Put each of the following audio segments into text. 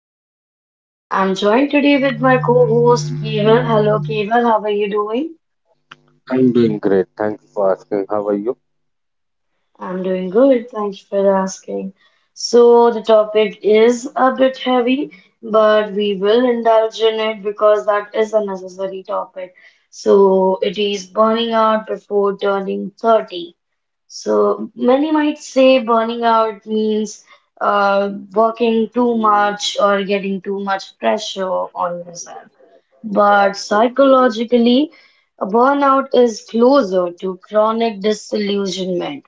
30s. I'm joined today with my co-host Keval. Hello Keval, how are you doing? I'm doing great. Thank you for asking. How are you? I'm doing good. Thanks for asking. So, the topic is a bit heavy, but we will indulge in it because that is a necessary topic. So, it is burning out before turning 30. So, many might say burning out means working too much or getting too much pressure on yourself. But psychologically, a burnout is closer to chronic disillusionment.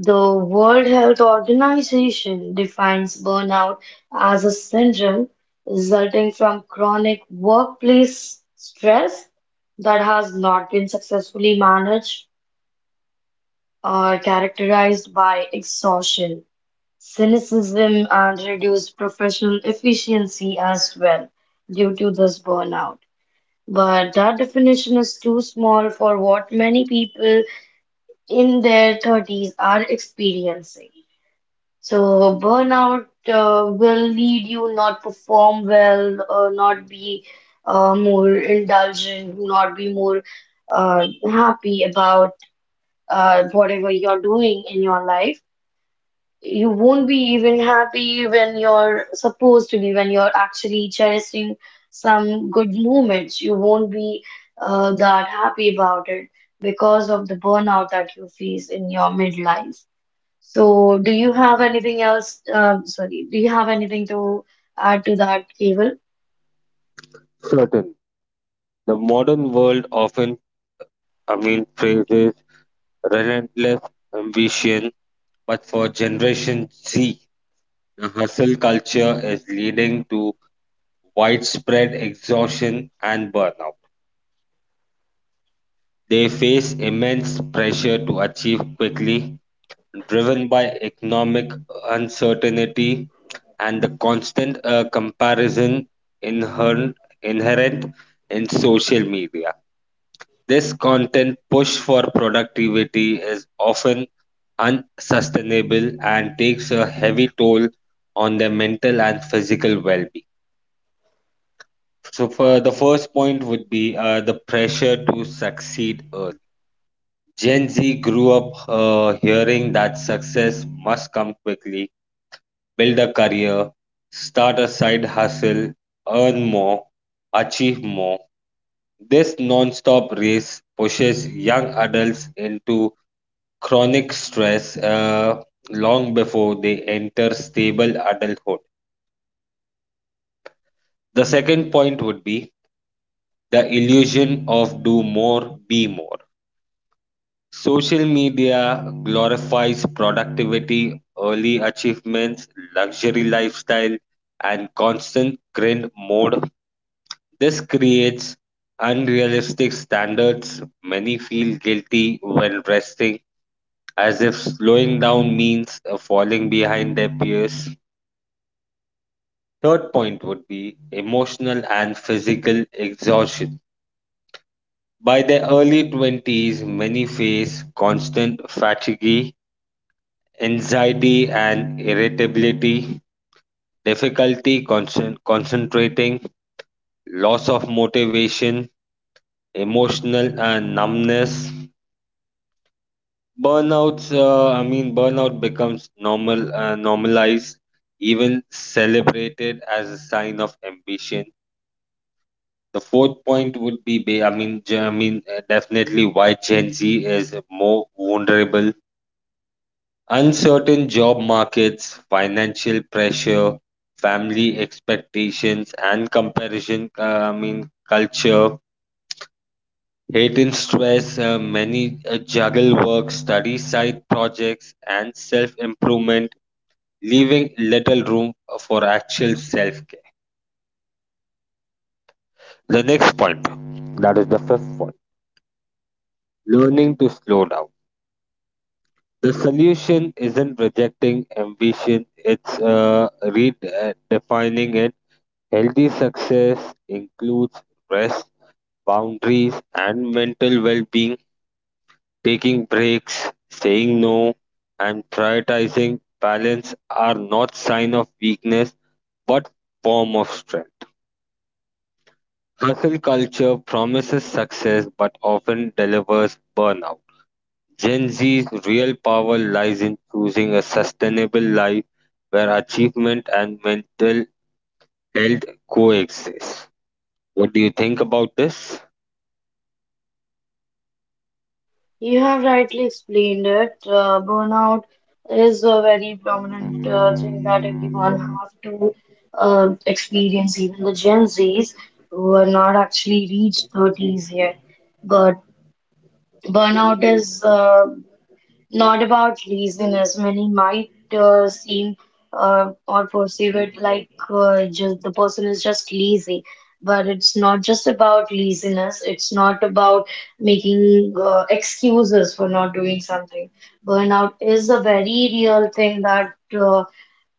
The World Health Organization defines burnout as a syndrome resulting from chronic workplace stress that has not been successfully managed or characterized by exhaustion, cynicism, and reduced professional efficiency as well due to this burnout. But that definition is too small for what many people in their 30s are experiencing. So burnout will lead you not perform well, not be more indulgent, not be more happy about whatever you're doing in your life. You won't be even happy when you're supposed to be, when you're actually cherishing some good moments. You won't be that happy about it because of the burnout that you face in your midlife. So, do you have anything else? Sorry, do you have anything to add to that, Keval? Certain. The modern world often, praises relentless ambition, but for Generation Z, the hustle culture is leading to widespread exhaustion and burnout. They face immense pressure to achieve quickly, driven by economic uncertainty and the constant comparison inherent inherent in social media. This content push for productivity is often unsustainable and takes a heavy toll on their mental and physical well-being. So, for the first point would be, the pressure to succeed early. Gen Z grew up hearing that success must come quickly, build a career, start a side hustle, earn more, achieve more. This non-stop race pushes young adults into chronic stress, long before they enter stable adulthood. The second point would be the illusion of do more, be more. Social media glorifies productivity, early achievements, luxury lifestyle, and constant grind mode. This creates unrealistic standards. Many feel guilty when resting, as if slowing down means, falling behind their peers. Third point would be emotional and physical exhaustion. By their early 20s, many face constant fatigue, anxiety and irritability, difficulty concentrating, loss of motivation, emotional and numbness. Burnout becomes normal, normalized, even celebrated as a sign of ambition. The fourth point would be, definitely why Gen Z is more vulnerable. Uncertain job markets, financial pressure, family expectations, and comparison. Culture, hate and stress. Many juggle work, study side projects, and self-improvement, leaving little room for actual self-care. The next point, that is the fifth point, learning to slow down. The solution isn't rejecting ambition, it's redefining it. Healthy success includes rest, boundaries, and mental well being, taking breaks, saying no, and prioritizing balance are not sign of weakness but form of strength. Hustle culture promises success but often delivers burnout. Gen Z's real power lies in choosing a sustainable life where achievement and mental health coexist. What do you think about this? You have rightly explained it. Burnout is a very prominent thing that everyone have to experience, even the Gen Zs who are not actually reached 30s yet. But burnout is not about reason, as many might seem or perceive it, like just the person is just lazy. But it's not just about laziness, it's not about making excuses for not doing something. Burnout is a very real thing uh,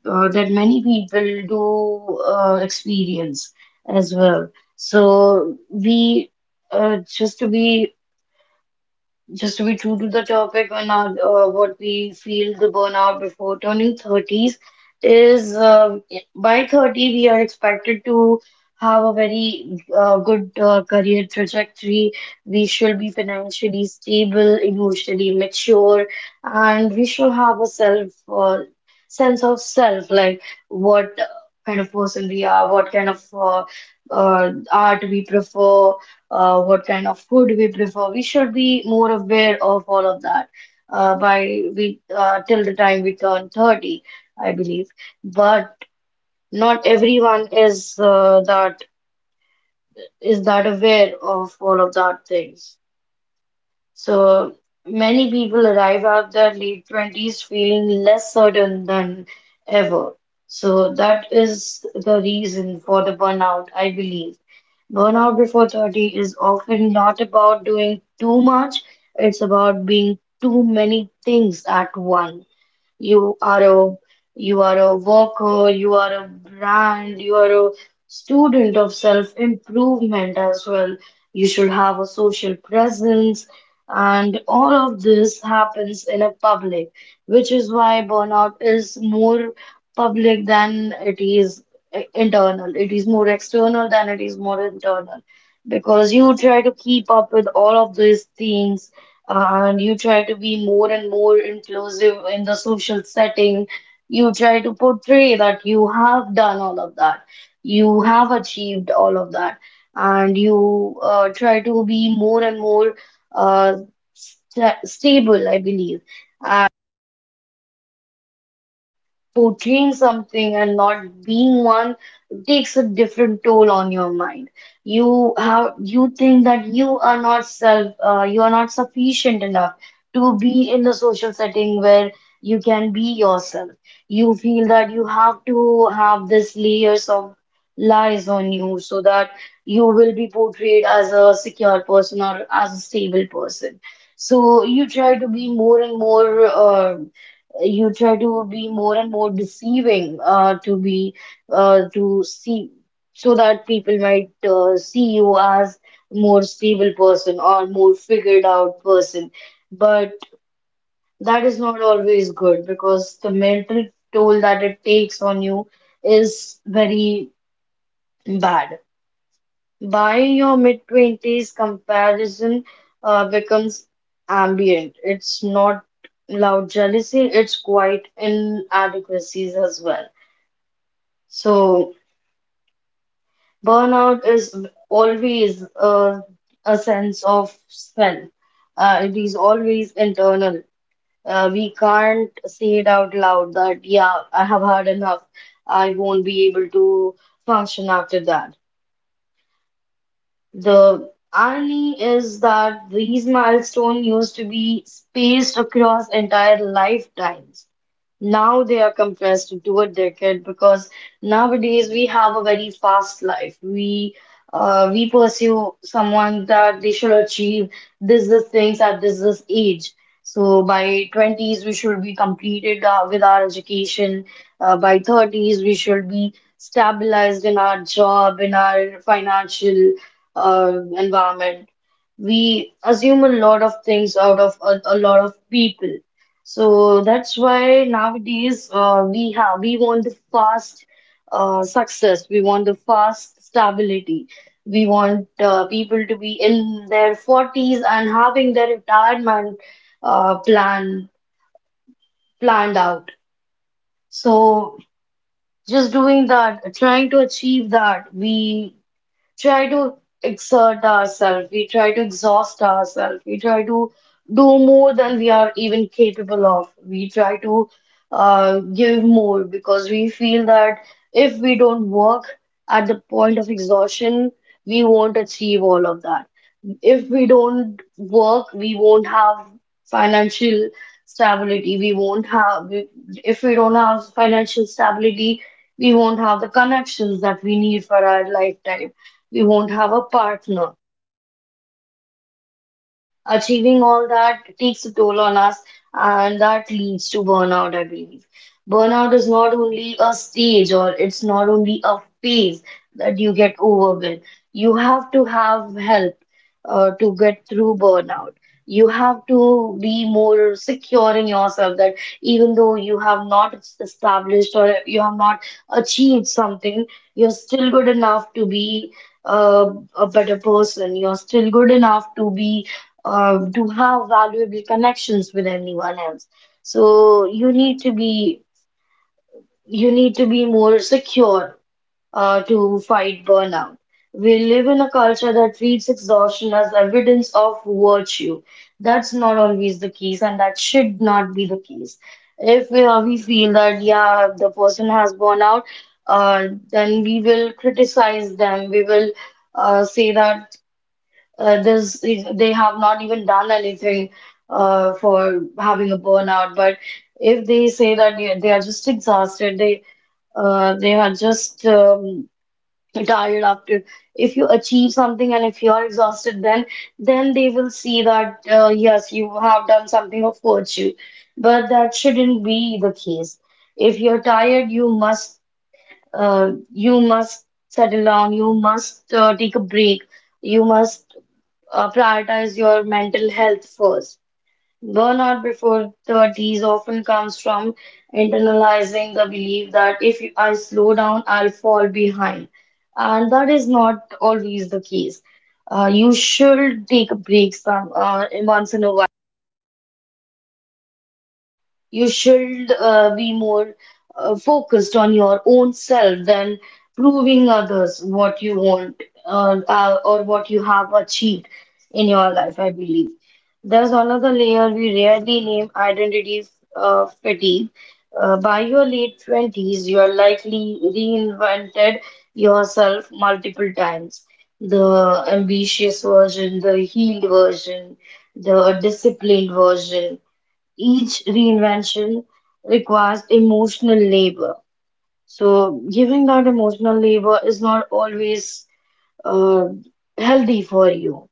that many people do experience as well. So we, uh, just to be just to be true to the topic and our, what we feel the burnout before turning 30s is, by 30 we are expected to have a very good career trajectory. We should be financially stable, emotionally mature, and we should have a self sense of self, like what kind of person we are, what kind of art we prefer, what kind of food we prefer. We should be more aware of all of that, by we till the time we turn 30, I believe. But not everyone is that aware of all of that things. So many people arrive at their late 20s feeling less certain than ever. So that is the reason for the burnout, I believe. Burnout before 30 is often not about doing too much, it's about being too many things at once. You are a you are a worker, you are a brand, you are a student of self-improvement as well. You should have a social presence, and all of this happens in a public, which is why burnout is more public than it is internal. It is more external than it is more internal because you try to keep up with all of these things, and you try to be more and more inclusive in the social setting. You try to portray that you have done all of that, you have achieved all of that, and you try to be more and more uh, stable, I believe. Portraying something and not being one takes a different toll on your mind. You think that you are not sufficient enough to be in a social setting where you can be yourself. You feel that you have to have this layers of lies on you, so that you will be portrayed as a secure person or as a stable person. So you try to be more and more you try to be more and more deceiving, to be to see so that people might see you as more stable person or more figured out person. But that is not always good, because the mental toll that it takes on you is very bad. By your mid-20s, comparison becomes ambient. It's not loud jealousy, it's quite inadequacies as well. So, burnout is always a sense of self. It is always internal. We can't say it out loud that, yeah, I have had enough. I won't be able to function after that. The irony is that these milestones used to be spaced across entire lifetimes. Now they are compressed into a decade, because nowadays we have a very fast life. We pursue someone that they should achieve this things at this age. So by 20s we should be completed with our education. By 30s we should be stabilized in our job, in our financial our environment. We assume a lot of things out of a lot of people. So that's why nowadays we want the fast success. We want the fast stability. We want people to be in their 40s and having their retirement uh, plan planned out. So just doing that, trying to achieve that, we try to exert ourselves, we try to exhaust ourselves, we try to do more than we are even capable of. We try to give more, because we feel that if we don't work at the point of exhaustion, we won't achieve all of that. If we don't work, we won't have financial stability. We won't have, we- if we don't have financial stability, we won't have the connections that we need for our lifetime. We won't have a partner. Achieving all that takes a toll on us, and that leads to burnout, I believe. Burnout is not only a stage, or it's not only a phase that you get over with. You have to have help to get through burnout. You have to be more secure in yourself that even though you have not established or you have not achieved something, you're still good enough to be uh, a better person. You're still good enough to be, to have valuable connections with anyone else. So you need to be more secure to fight burnout. We live in a culture that treats exhaustion as evidence of virtue. That's not always the case, and that should not be the case. If we, we feel that, yeah, the person has burnout, then we will criticize them. We will say that, this they have not even done anything for having a burnout. But if they say that they are just exhausted, they are just tired after, if you achieve something and if you're exhausted, then they will see that, yes, you have done something of virtue. But that shouldn't be the case. If you're tired, you must settle down, you must take a break, you must prioritize your mental health first. Burnout before 30s often comes from internalizing the belief that if I slow down, I'll fall behind. And that is not always the case. You should take a break some, once in a while. You should be more focused on your own self than proving others what you want, or what you have achieved in your life, I believe. There's another layer we rarely name, identity fatigue. By your late 20s, you are likely reinvented yourself multiple times. The ambitious version, the healed version, the disciplined version, each reinvention requires emotional labor. So giving that emotional labor is not always uh, healthy for you.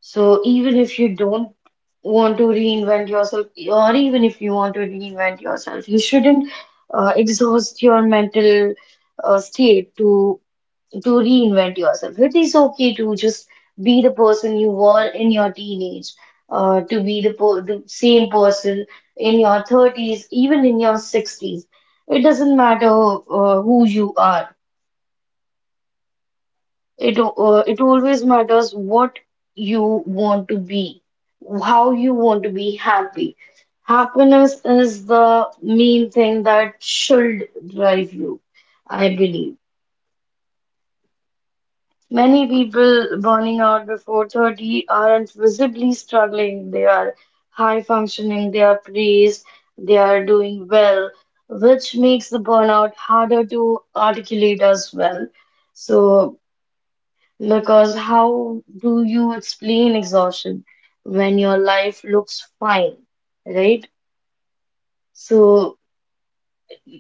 So even if you don't want to reinvent yourself, or even if you want to reinvent yourself, you shouldn't exhaust your mental state to reinvent yourself. It is okay to just be the person you were in your teenage, to be the, po the same person in your 30s, even in your 60s. It doesn't matter who you are. It always matters what you want to be, how you want to be happy. Happiness is the main thing that should drive you, I believe. Many people burning out before 30 aren't visibly struggling. They are high functioning, they are praised, they are doing well, which makes the burnout harder to articulate as well. So, because how do you explain exhaustion when your life looks fine, right? So,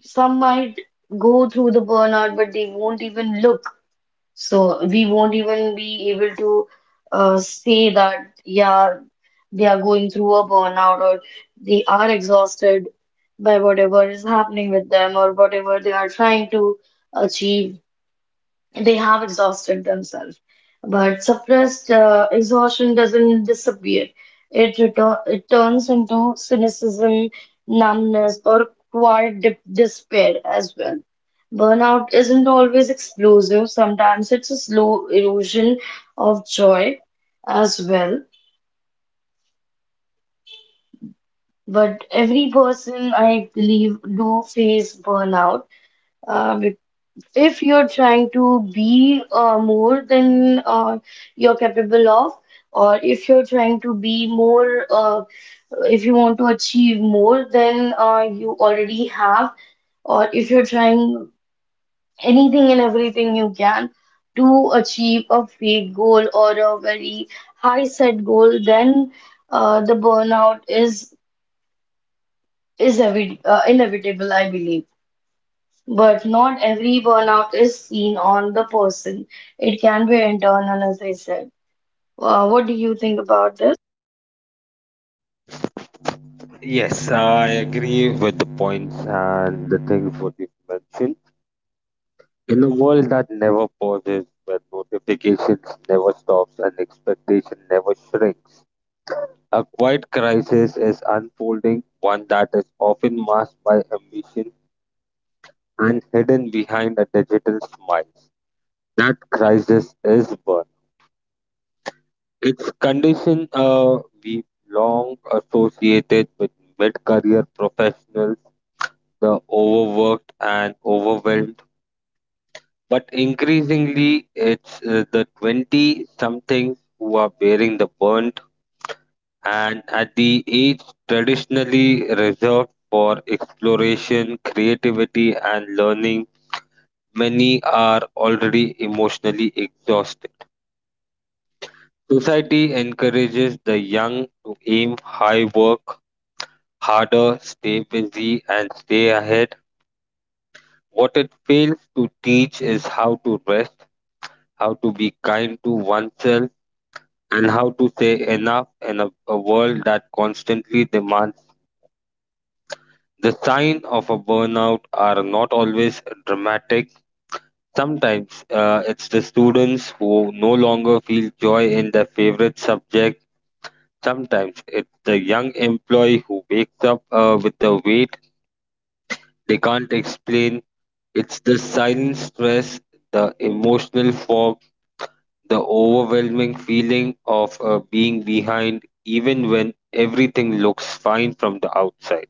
some might go through the burnout, but they won't even look. So we won't even be able to say that, yeah, they are going through a burnout, or they are exhausted by whatever is happening with them, or whatever they are trying to achieve, they have exhausted themselves. But suppressed exhaustion doesn't disappear. It turns into cynicism, numbness, or quiet dip despair as well. Burnout isn't always explosive. Sometimes it's a slow erosion of joy as well. But every person, I believe, do face burnout, uh, if you're trying to be more than you're capable of, or if you're trying to be more, if you want to achieve more than you already have, or if you're trying anything and everything you can to achieve a fake goal or a very high set goal, then the burnout is evi inevitable, I believe. But not every burnout is seen on the person. It can be internal, as I said. What do you think about this? Yes, I agree with the points and the things what you mentioned. In a world that never pauses, where notifications never stops and expectation never shrinks, a quiet crisis is unfolding, one that is often masked by ambition and hidden behind a digital smile. That crisis is birth. It's condition we long associated with mid-career professionals, the overworked and overwhelmed. But increasingly, it's the 20-somethings who are bearing the burnt, and at the age traditionally reserved for exploration, creativity, and learning, many are already emotionally exhausted. Society encourages the young to aim high, work harder, stay busy, and stay ahead. What it fails to teach is how to rest, how to be kind to oneself, and how to say enough in a world that constantly demands. The sign of a burnout are not always dramatic. Sometimes it's the students who no longer feel joy in their favorite subject. Sometimes it's the young employee who wakes up with the weight they can't explain. It's the silent stress, the emotional fog, the overwhelming feeling of being behind, even when everything looks fine from the outside.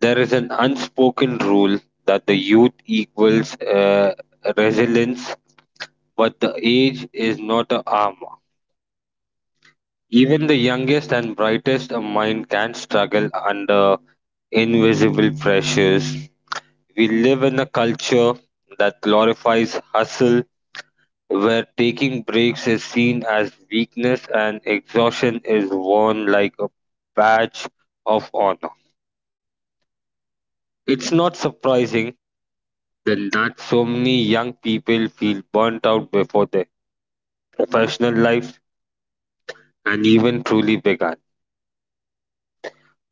There is an unspoken rule that the youth equals, resilience, but the age is not a armor. Even the youngest and brightest of mind can struggle under invisible pressures. We live in a culture that glorifies hustle, where taking breaks is seen as weakness and exhaustion is worn like a badge of honor. It's not surprising then that so many young people feel burnt out before their professional lives and even truly began.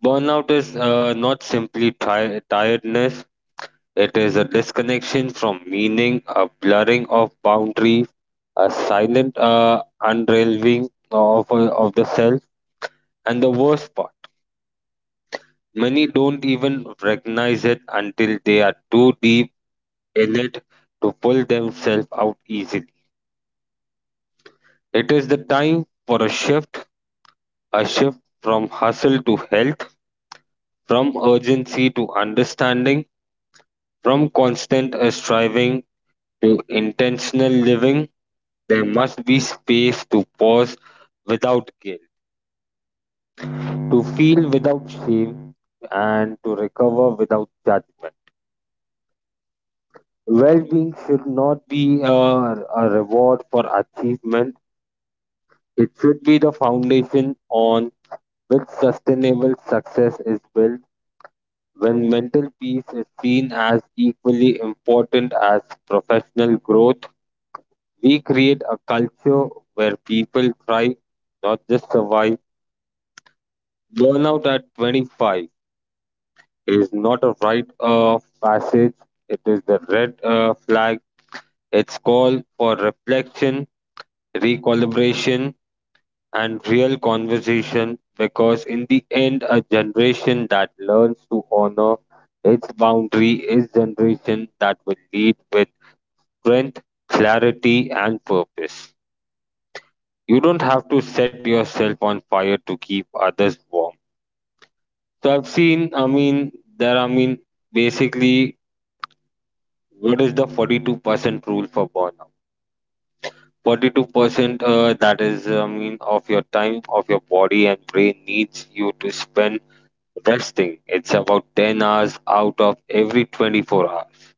Burnout is, not simply tiredness. It is a disconnection from meaning, a blurring of boundary, a silent unraveling of the self. And the worst part, many don't even recognize it until they are too deep in it to pull themselves out easily. It is the time for a shift from hustle to health, from urgency to understanding, from constant striving to intentional living. There must be space to pause without guilt, to feel without shame, and to recover without judgment. Well being should not be a reward for achievement, it should be the foundation on which sustainable success is built. When mental peace is seen as equally important as professional growth, we create a culture where people thrive, not just survive. Burnout at 25 is not a rite of passage, it is the red flag. It's call for reflection, recalibration, and real conversation because, in the end, a generation that learns to honor its boundary is generation that will lead with strength, clarity, and purpose. You don't have to set yourself on fire to keep others warm. So I've seen, I mean, there, I mean, basically, what is the 42% rule for burnout? 42%, that is, of your time, of your body and brain needs you to spend resting. It's about 10 hours out of every 24 hours.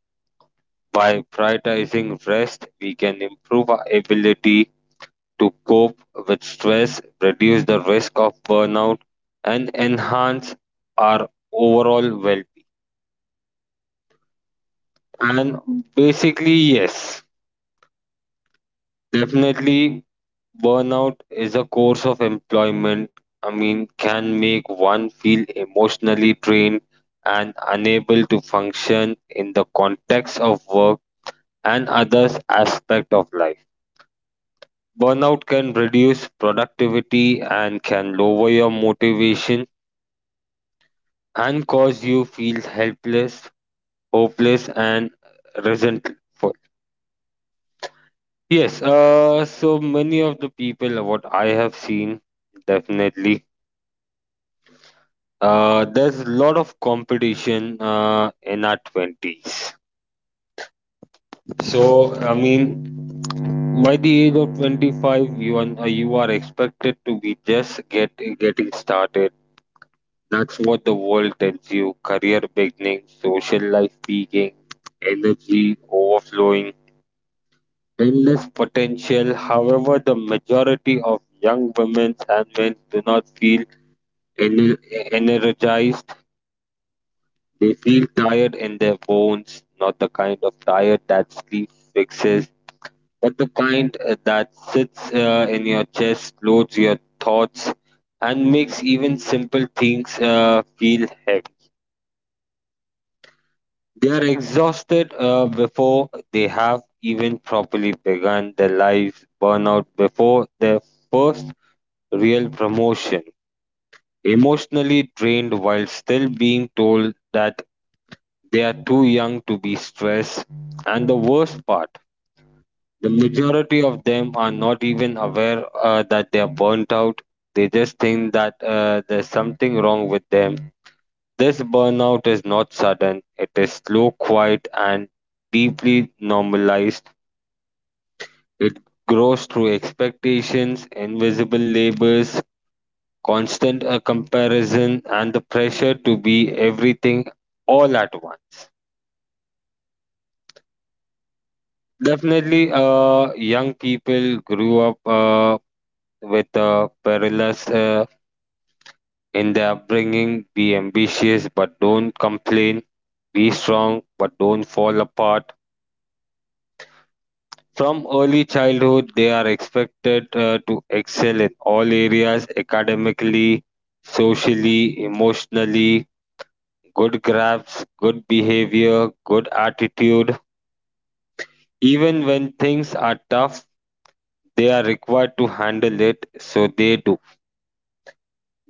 By prioritizing rest, we can improve our ability to cope with stress, reduce the risk of burnout, and enhance our overall well-being. And basically, yes, definitely. Burnout is a course of employment, can make one feel emotionally drained and unable to function in the context of work and others aspect of life. Burnout can reduce productivity and can lower your motivation and cause you feel helpless, hopeless and resentful. Yes, so many of the people what I have seen definitely. There's a lot of competition in our 20s. So, by the age of 25, you are expected to be just getting started. That's what the world tells you. Career beginning, social life peaking, energy overflowing, endless potential. However, the majority of young women and men do not feel ener- energized. They feel tired in their bones, not the kind of tired that sleep fixes, but the kind that sits in your chest, loads your thoughts, and makes even simple things feel heavy. They are exhausted before they have even properly begun their lives, burn out before their first real promotion, emotionally drained while still being told that they are too young to be stressed, and the worst part, the majority of them are not even aware that they are burnt out. They just think that there's something wrong with them. This burnout is not sudden, it is slow, quiet, and deeply normalized. It grows through expectations, invisible labors, constant comparison, and the pressure to be everything all at once. Definitely, young people grew up with parallels in their upbringing. Be ambitious, but don't complain. Be strong, but don't fall apart. From early childhood, they are expected to excel in all areas academically, socially, emotionally. Good grasps, good behavior, good attitude. Even when things are tough, they are required to handle it, so they do.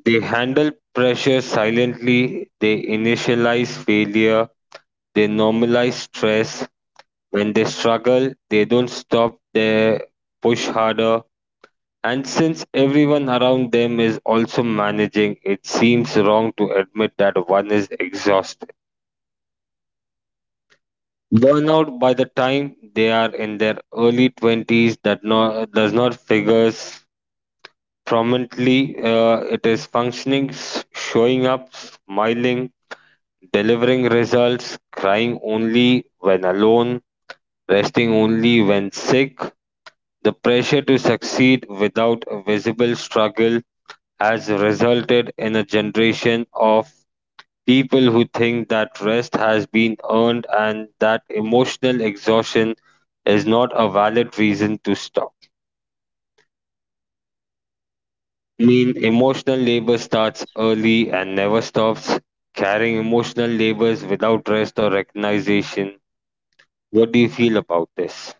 They handle pressure silently, they initialize failure, they normalize stress. When they struggle, they don't stop, they push harder. And since everyone around them is also managing, it seems wrong to admit that one is exhausted. Burnout by the time they are in their early 20s that no, does not figures prominently. It is functioning, showing up, smiling, delivering results, crying only when alone, resting only when sick. The pressure to succeed without a visible struggle has resulted in a generation of people who think that rest has been earned and that emotional exhaustion is not a valid reason to stop. I mean, emotional labor starts early and never stops. Carrying emotional labors without rest or recognition. What do you feel about this?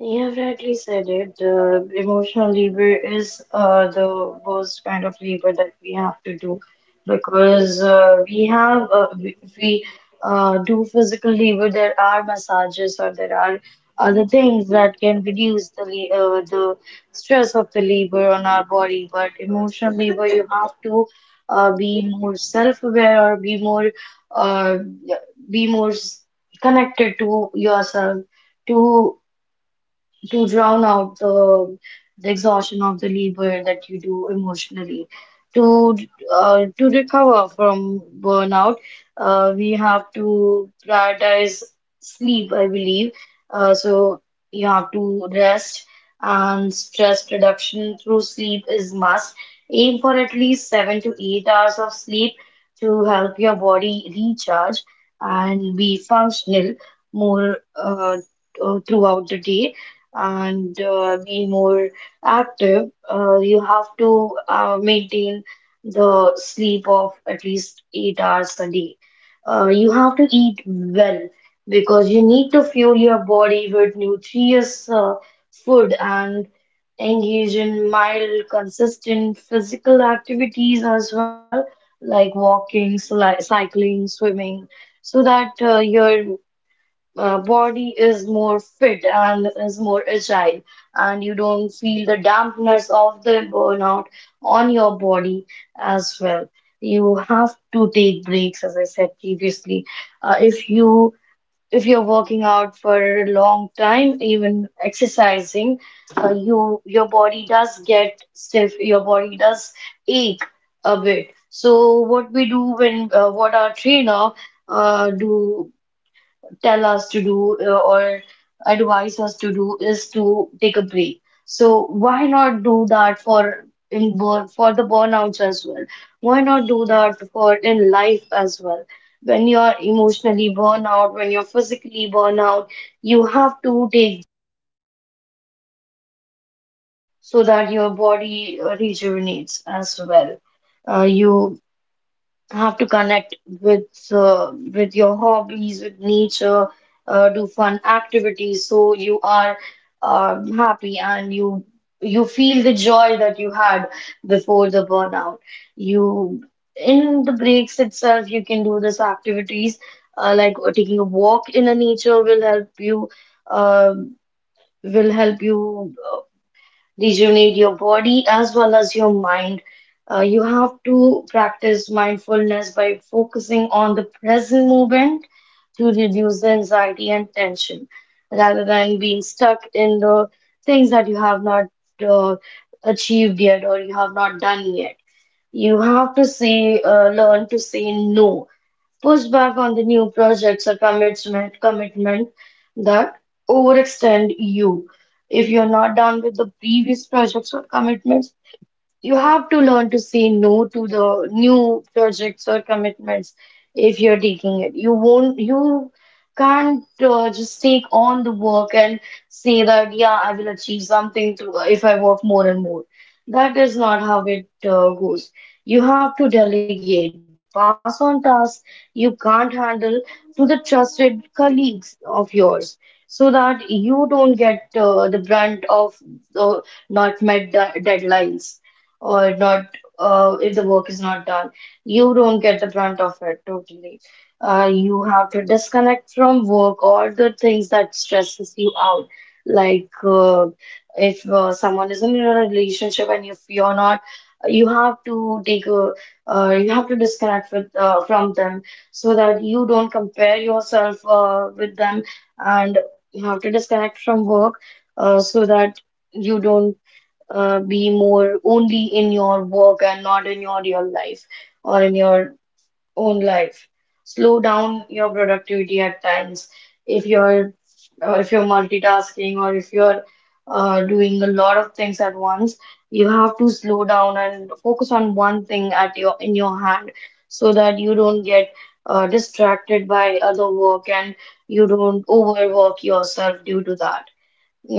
You have rightly said it. The emotional labor is the worst kind of labor that we have to do because we do physical labor. There are massages or there are other things that can reduce the stress of the labor on our body. But emotional labor, you have to be more self-aware or be uh, more connected to yourself to to drown out the exhaustion of the labor that you do emotionally. To to recover from burnout, we have to prioritize sleep, I believe. So you have to rest, and stress reduction through sleep is must. Aim for at least 7 to 8 hours of sleep to help your body recharge and be functional more throughout the day, and be more active. You have to maintain the sleep of at least 8 hours a day. You have to eat well because you need to fuel your body with nutritious food, and engage in mild, consistent physical activities as well, like walking, cycling, swimming, so that your body is more fit and is more agile, and you don't feel the dampness of the burnout on your body as well. You have to take breaks, as I said previously. If you, if you're working out for a long time, even exercising, your body does get stiff, your body does ache a bit. So what we do when what our trainer do tell us to do, or advise us to do, is to take a break. So why not do that for in burn for the burnouts as well? Why not do that for in life as well? When you're emotionally burn out, when you're physically burn out, you have to take, so that your body rejuvenates as well. You have to connect with with your hobbies, with nature, do fun activities, so you are happy, and you feel the joy that you had before the burnout. You, in the breaks itself, you can do these activities, like taking a walk in the nature will help you, um will help you. These, you need your body as well as your mind. You have to practice mindfulness by focusing on the present moment to reduce the anxiety and tension, rather than being stuck in the things that you have not uh, achieved yet or you have not done yet. You have to say, learn to say no. Push back on the new projects or commitment that overextend you. If you're not done with the previous projects or commitments, you have to learn to say no to the new projects or commitments if you're taking it. You won't, you can't just take on the work and say that, yeah, I will achieve something to, if I work more and more. That is not how it goes. You have to delegate, pass on tasks you can't handle to the trusted colleagues of yours, so that you don't get the brunt of the not met deadlines, or not, if the work is not done, you don't get the brunt of it totally. You have to disconnect from work or the things that stresses you out, like, if someone is in a relationship and if you're not, you have to take a, you have to disconnect with from them, so that you don't compare yourself with them, and you have to disconnect from work, so that you don't be more only in your work and not in your real life, or in your own life. Slow down your productivity at times. If you're, if you're multitasking or if you're doing a lot of things at once, you have to slow down and focus on one thing at your in your hand, so that you don't get distracted by other work, and you don't overwork yourself due to that.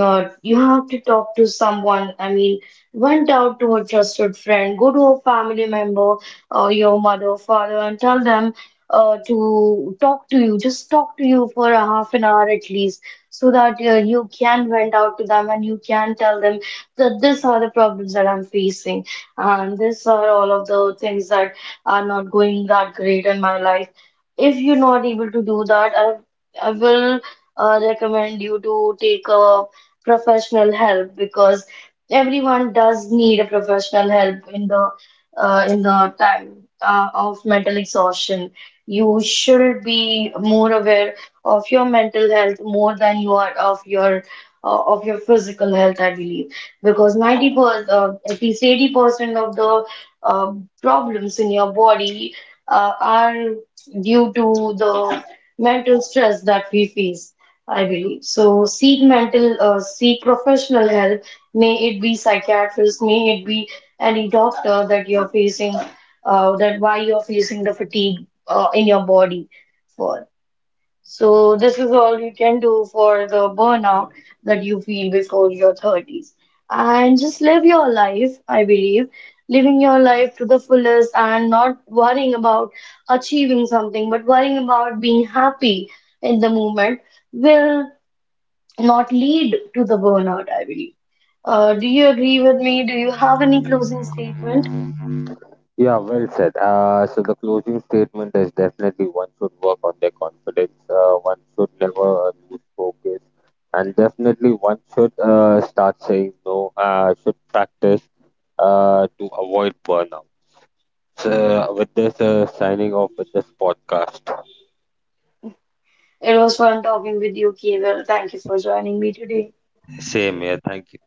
You have to talk to someone. I mean, went out to a trusted friend, go to a family member, or your mother, father, and tell them to talk to you. Just talk to you for a half an hour at least, so that you can vent out to them, and you can tell them that these are the problems that I'm facing, and these are all of the things that are not going that great in my life. If you're not able to do that, I will recommend you to take a professional help, because everyone does need a professional help in the time of mental exhaustion. You should be more aware of your mental health more than you are of your physical health, I believe, because 90%, at least 80% of the uh, problems in your body are due to the mental stress that we face, I believe. So seek mental, seek professional help. May it be psychiatrist, may it be any doctor that you're facing, that why you're facing the fatigue in your body for. So this is all you can do for the burnout that you feel before your 30s. And just live your life, I believe. Living your life to the fullest, and not worrying about achieving something, but worrying about being happy in the moment, will not lead to the burnout, I believe. Do you agree with me? Do you have any closing statement? Yeah, well said. So the closing statement is definitely one should work on their confidence. One should never lose focus, and definitely one should start saying no. Should practice to avoid burnout. So, with this, signing off with this podcast. It was fun talking with you, Keval. Thank you for joining me today. Same here. Thank you.